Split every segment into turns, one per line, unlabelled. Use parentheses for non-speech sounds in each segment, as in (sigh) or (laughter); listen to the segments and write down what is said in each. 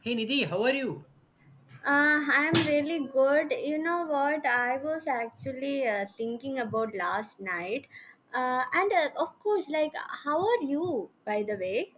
Hey Nidhi, how are you?
I'm really good. You know what? I was actually thinking about last night. And of course, like, how are you, by the way?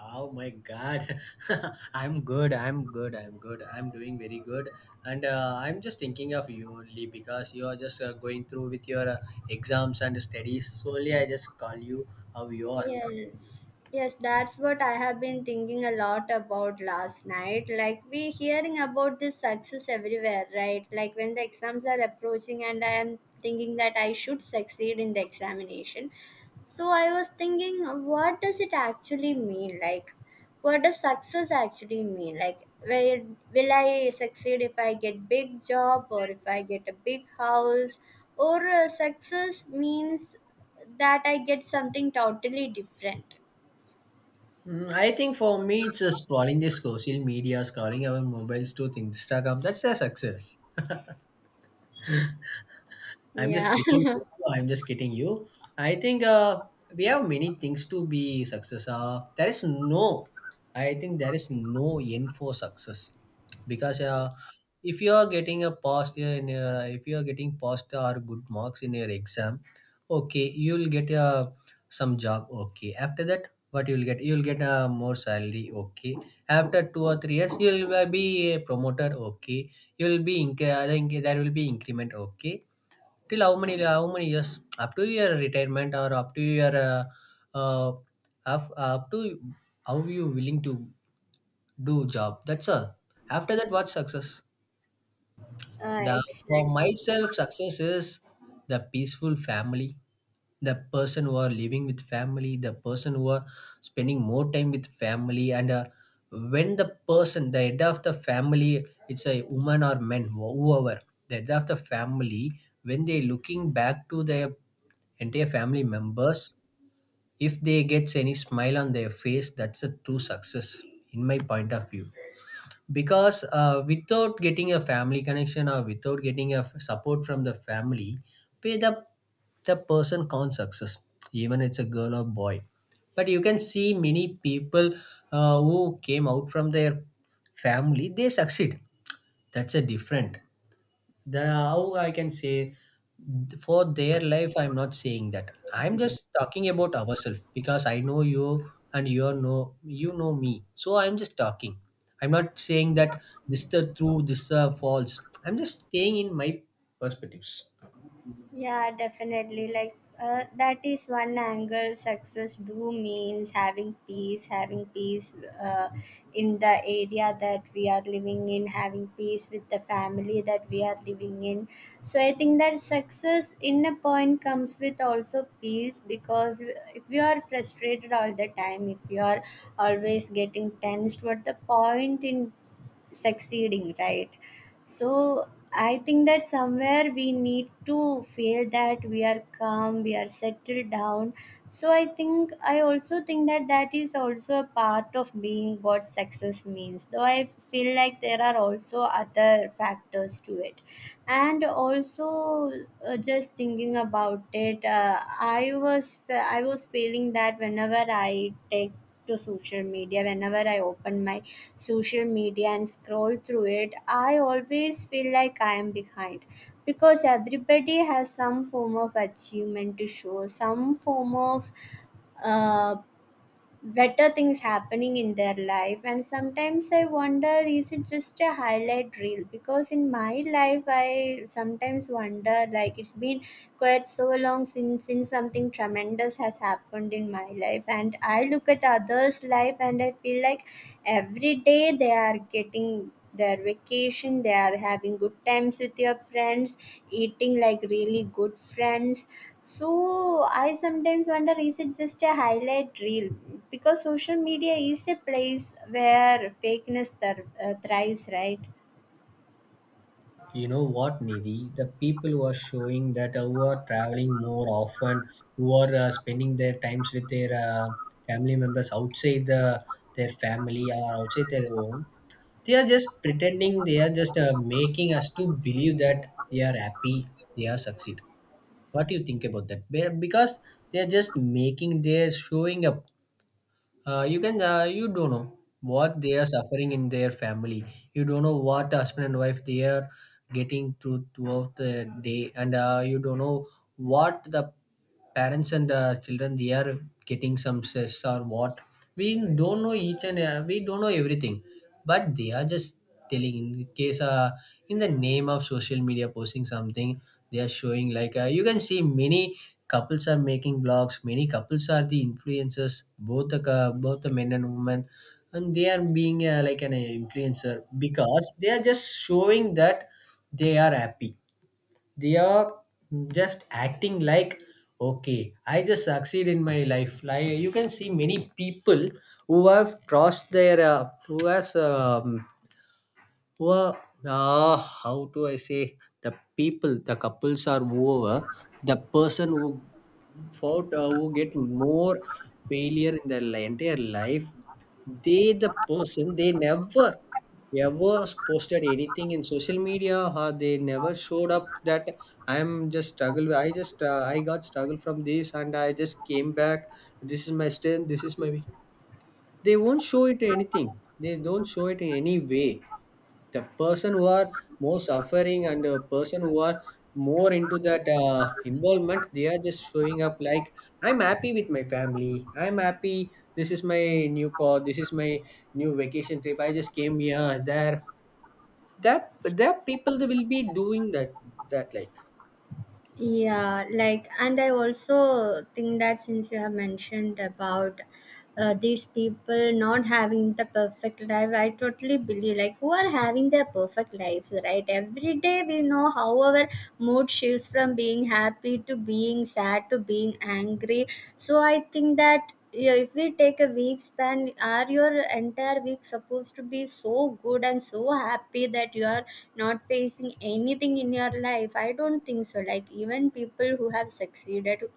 Oh my God, (laughs) I'm good. I'm good. I'm good. I'm doing very good, and I'm just thinking of you only because you are just going through with your exams and studies. So only I just call you how you are.
Yes. Yes, that's what I have been thinking a lot about last night. Like, we hearing about this success everywhere, right? Like, when the exams are approaching, and I am thinking that I should succeed in the examination. So, I was thinking, what does it actually mean? Like, what does success actually mean? Like, where will I succeed if I get big job or if I get a big house, or success means that I get something totally different.
Mm, I think for me, it's just scrolling the social media, scrolling our mobiles to Instagram. That's a success. I'm just
Yeah.
kidding.
(laughs)
You. I'm just kidding you. I think we have many things to be success. There is no, I think there is no end for success because if you are getting a pass in if you are getting passed or good marks in your exam, okay, you'll get some job. Okay, after that, what you'll get? You'll get more salary. Okay, after 2 or 3 years, you'll be promoted. Okay, you'll be I think there will be increment. Okay. Till how many how many years? Up to your retirement or up to your uh, up to how you willing to do job. That's all. After that, what's success? The
Exactly.
for myself, success is the peaceful family, the person who are living with family, the person who are spending more time with family, and when the person, the head of the family, it's a woman or man, whoever, the head of the family, when they looking back to their entire family members, if they gets any smile on their face, that's a true success, in my point of view because without getting a family connection or without getting a support from the family pay the person can't success even it's a girl or boy. But you can see many people who came out from their family they succeed. That's a different, the how I can say for their life, I'm not saying that. I'm just talking about ourselves because I know you and you are know you know me. So I'm just talking. I'm not saying that this is the true, this is the false. I'm just staying in my perspectives.
Yeah, definitely. Like, that is one angle. Success do means having peace uh, in the area that we are living in, having peace with the family that we are living in. So I think that success in a point comes with also peace, because if you are frustrated all the time, if you are always getting tensed, what the point in succeeding, right? so I think that somewhere we need to feel that we are calm we are settled down so I also think that that is also a part of being what success means, though I feel like there are also other factors to it. And also, just thinking about it, I was feeling that whenever I take to social media, whenever I open my social media and scroll through it, I always feel like I am behind, because everybody has some form of achievement to show, some form of uh, better things happening in their life. And sometimes I wonder, is it just a highlight reel? Because in my life I sometimes wonder, like, it's been quite so long since something tremendous has happened in my life, and I look at others life and I feel like every day they are getting their vacation, they are having good times with your friends, eating like really good friends. So I sometimes wonder, is it just a highlight reel? Because social media is a place where fakeness thrives, right?
You know what, Nidhi? The people were showing that who are traveling more often, who are spending their times with their family members outside the their family or outside their home. They are just pretending. They are just making us to believe that they are happy. They are succeed. What do you think about that? Because they are just making. They are showing a you can you don't know what they are suffering in their family. You don't know what husband and wife they are getting through throughout the day, and you don't know what the parents and children they are getting some stress or what. We don't know each, and we don't know everything, but they are just telling in case in the name of social media posting something, they are showing like you can see many couples are making blogs, many couples are the influencers, both the both the men and women, and they are being like an influencer because they are just showing that they are happy. They are just acting like okay I just succeed in my life. Like you can see many people who have crossed their who has well, how do I say? The people, the couples are over. The person who fought, who get more failure in their entire life, they the person they never ever posted anything in social media or they never showed up that I'm just struggle, I just I got struggle from this and I just came back. This is my strength, this is my weakness. They won't show it anything. They don't show it in any way. The person who are more suffering and the person who are more into that involvement they are just showing up like I'm happy with my family, I'm happy, this is my new car, this is my new vacation trip, I just came here there. That people they will be doing that, like.
Yeah, like, and I also think that since you have mentioned about these people not having the perfect life, I totally believe, like, who are having their perfect lives, right? Every day we know how our mood shifts from being happy to being sad to being angry. So I think that, yeah, if we take a week span, are your entire week supposed to be so good and so happy that you are not facing anything in your life? I don't think so. Like, even people who have succeeded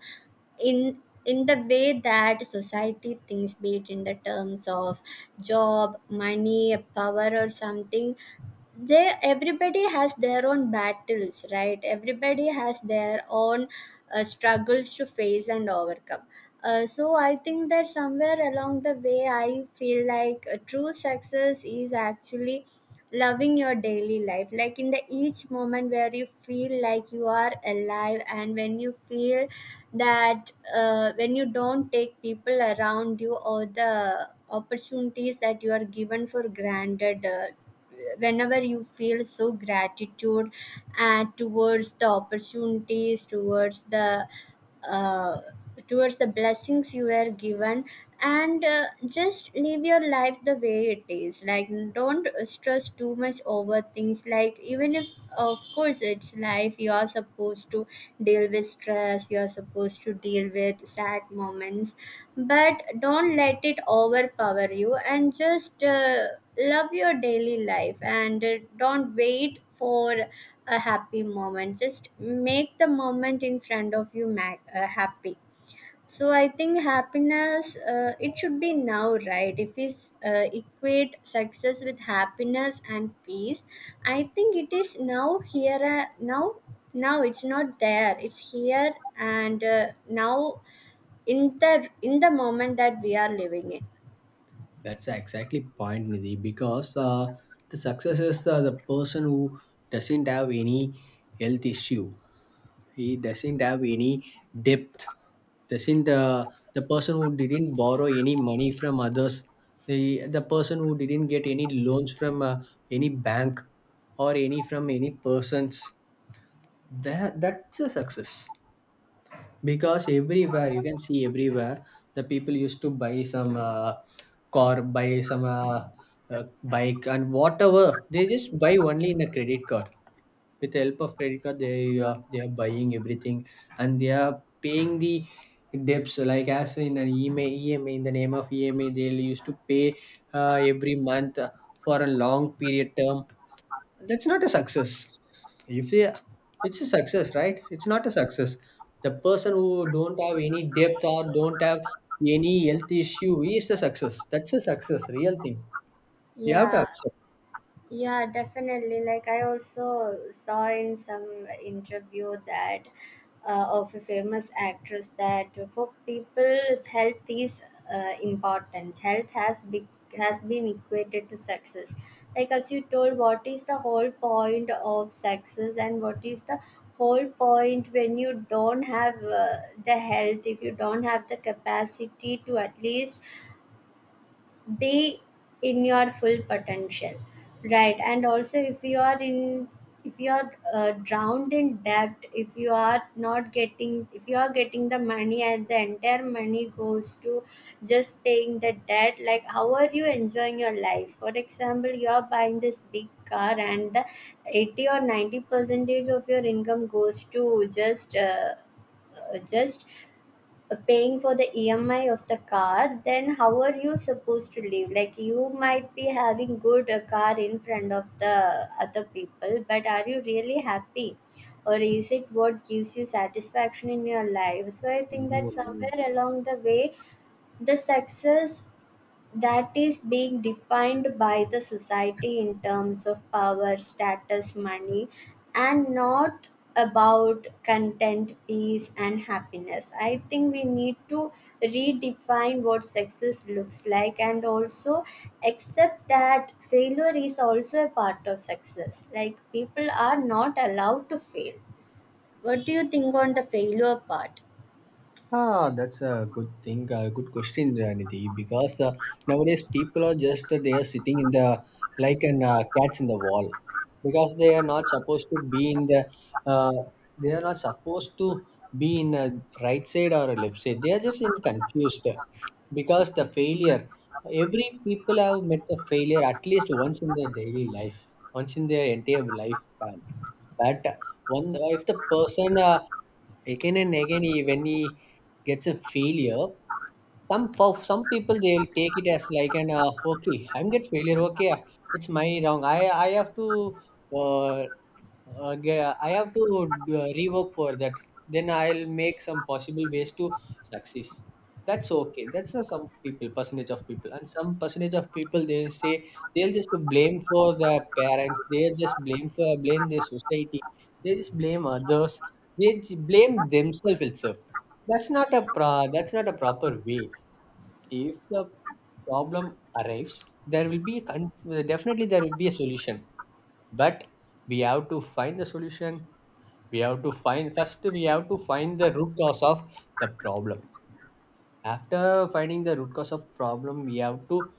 in in the way that society thinks, be it in the terms of job, money, power, or something, they, everybody has their own battles, right? Everybody has their own struggles to face and overcome. So I think that somewhere along the way, I feel like a true success is actually loving your daily life, like in the each moment where you feel like you are alive, and when you feel that, when you don't take people around you or the opportunities that you are given for granted, whenever you feel so gratitude and towards the opportunities, uh, towards the blessings you were given, and just live your life the way it is, like, don't stress too much over things, like, even if, of course, it's life, you are supposed to deal with stress, you are supposed to deal with sad moments, but don't let it overpower you, and just love your daily life, and don't wait for a happy moment. Just make the moment in front of you happy. So I think happiness, it should be now, right? If we equate success with happiness and peace, I think it is now here. Now it's not there, it's here, and now, in the moment that we are living in.
That's exactly point Nidhi, because the success is the person who doesn't have any health issue, he doesn't have any depth, doesn't the person who didn't borrow any money from others, the person who didn't get any loans from any bank or any from any persons. That that's a success, because everywhere you can see everywhere the people used to buy some car, buy some bike, and whatever they just buy only in a credit card. With the help of credit card they are buying everything, and they are paying the debts like as in an EMA, in the name of EMI they used to pay every month for a long period term. That's not a success. If they, it's a success, right? It's not a success. The person who don't have any depth or don't have any health issue is the success. That's a success real thing. You have to
Yeah.
accept.
Yeah, definitely. Like, I also saw in some interview that, of a famous actress, that for people's health is important. Health has been equated to success. Like, as you told, what is the whole point of success, and what is the whole point when you don't have, the health? If you don't have the capacity to at least be in your full potential, right? And also, if you are drowned in debt, if you are getting the money and the entire money goes to just paying the debt, like, how are you enjoying your life? For example, you are buying this big car and the 80 or 90 percentage of your income goes to just uh, just paying for the EMI of the car, then how are you supposed to live? Like, you might be having good a car in front of the other people, but are you really happy? Or is it what gives you satisfaction in your life? So I think that somewhere along the way, the success that is being defined by the society in terms of power, status, money, and not about content, peace, and happiness. I think we need to redefine what success looks like, and also accept that failure is also a part of success. Like, people are not allowed to fail. What do you think on the failure part?
Ah, that's a good thing, a good question, Nidhi, because nowadays people are just they are sitting in the like an cats in the wall, because they are not supposed to be in the uh, they are not supposed to be in a right side or a left side. They are just in confused because the failure. Every people have met the failure at least once in their daily life, once in their entire lifetime. But one if the person again and again he, when he gets a failure, some for some people they will take it as like an okay I'm get failure, okay, it's my wrong, I have to uh, yeah, I have to rework for that. Then I'll make some possible ways to success. That's okay. That's some people, percentage of people, and some percentage of people they say they'll just blame for the parents. They'll just blame for blame the society. They just blame others. They blame themselves itself. That's not a pro. That's not a proper way. If the problem arrives, there will be definitely there will be a solution, but we have to find the solution. We have to find first, we have to find the root cause of the problem. After finding the root cause of problem, we have to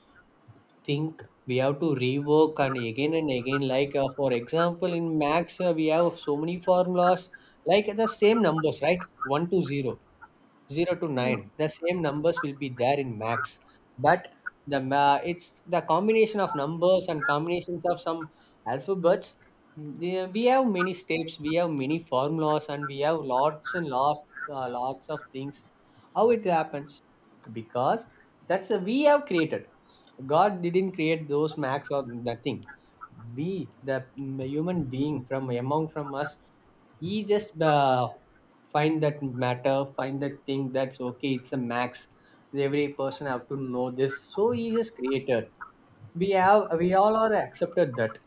think, we have to rework, and again and again, like for example in max we have so many formulas, like the same numbers right, 1 to 0, 0 to
Mm.
9, the same numbers will be there in max, but the it's the combination of numbers and combinations of some alphabets. The- we have many steps, we have many formulas, and we have lots and lots of things. How it happens? Because that's a, we have created, god didn't create those max or nothing. We the human being from among from us, he just find that matter, find that thing, that's okay it's a max. Every person have to know this, so he is creator. We have we all are accepted that.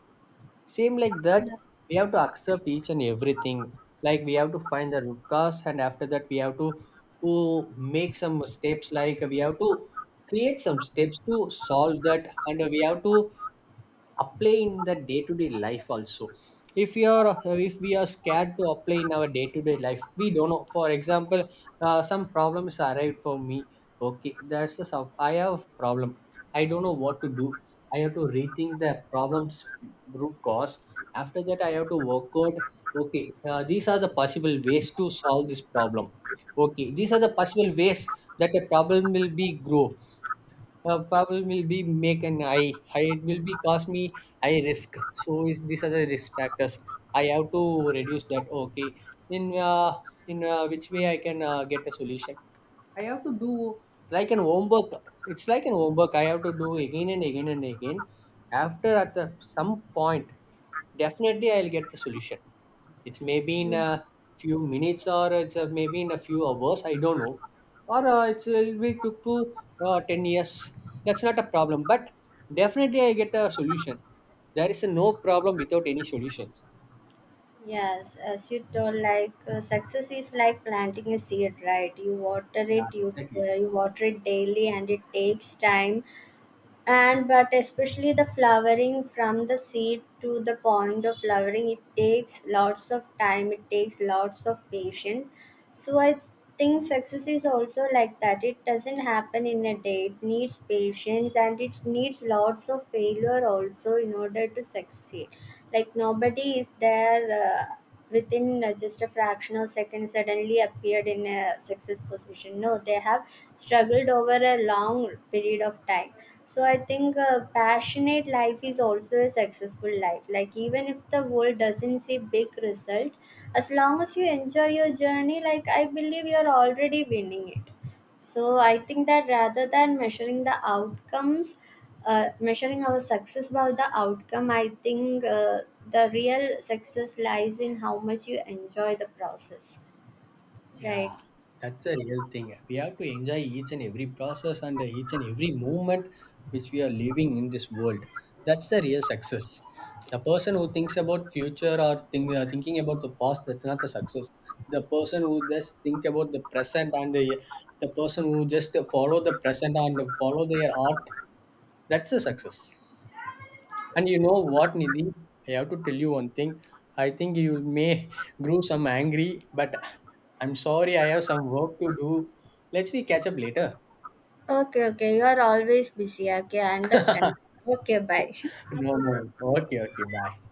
Same like that, we have to accept each and everything. Like we have to find the root cause, and after that we have to oh, make some steps, like we have to create some steps to solve that, and we have to apply in the day-to-day life also. If you are, if we are scared to apply in our day-to-day life, we don't know. For example, some problems arrived for me, okay that's the I have problem, I don't know what to do. I have to rethink the problems root cause. After that I have to work out, okay, these are the possible ways to solve this problem, okay these are the possible ways that the problem will be grow, problem will be make an eye. I it will be cost me high risk. So is these are the risk factors. I have to reduce that. Okay, in uh, in which way I can get a solution? I have to do like an homework. It's like an homework. I have to do again and again and again. After at the, some point, definitely I'll get the solution. It's maybe in
Yeah.
a few minutes, or it's maybe in a few hours. I don't know. Or it will took to 10 years. That's not a problem. But definitely I get a solution. There is no problem without any solutions.
Yes, as you told, like, success is like planting a seed, right? You water
Yeah.
it, you
Exactly.
uh, you water it daily, and it takes time and but especially the flowering from the seed to the point of flowering, it takes lots of time, it takes lots of patience. So I think success is also like that. It doesn't happen in a day. It needs patience and it needs lots of failure also in order to succeed. Like, nobody is there, within just a fraction of second, suddenly appeared in a success position. No, they have struggled over a long period of time. So I think a passionate life is also a successful life, like, even if the world doesn't see big result, as long as you enjoy your journey, like, I believe you're already winning it. So I think that rather than measuring the outcomes, measuring our success by the outcome, I think, the real success lies in how much you enjoy the process, right?
Yeah, that's the real thing. We have to enjoy each and every process and each and every moment which we are living in this world. That's the real success. The person who thinks about future or think, thinking about the past, that's not the success. The person who just think about the present and the person who just follow the present and follow their art, that's the success. And you know what, Nidhi? I have to tell you one thing. I think you may (laughs) grew some angry, but I'm sorry, I have some work to do. Let's we catch up later.
Okay, okay. You are always busy. Okay, I understand.
(laughs)
Okay, bye. (laughs)
No, no. Okay, okay. Bye.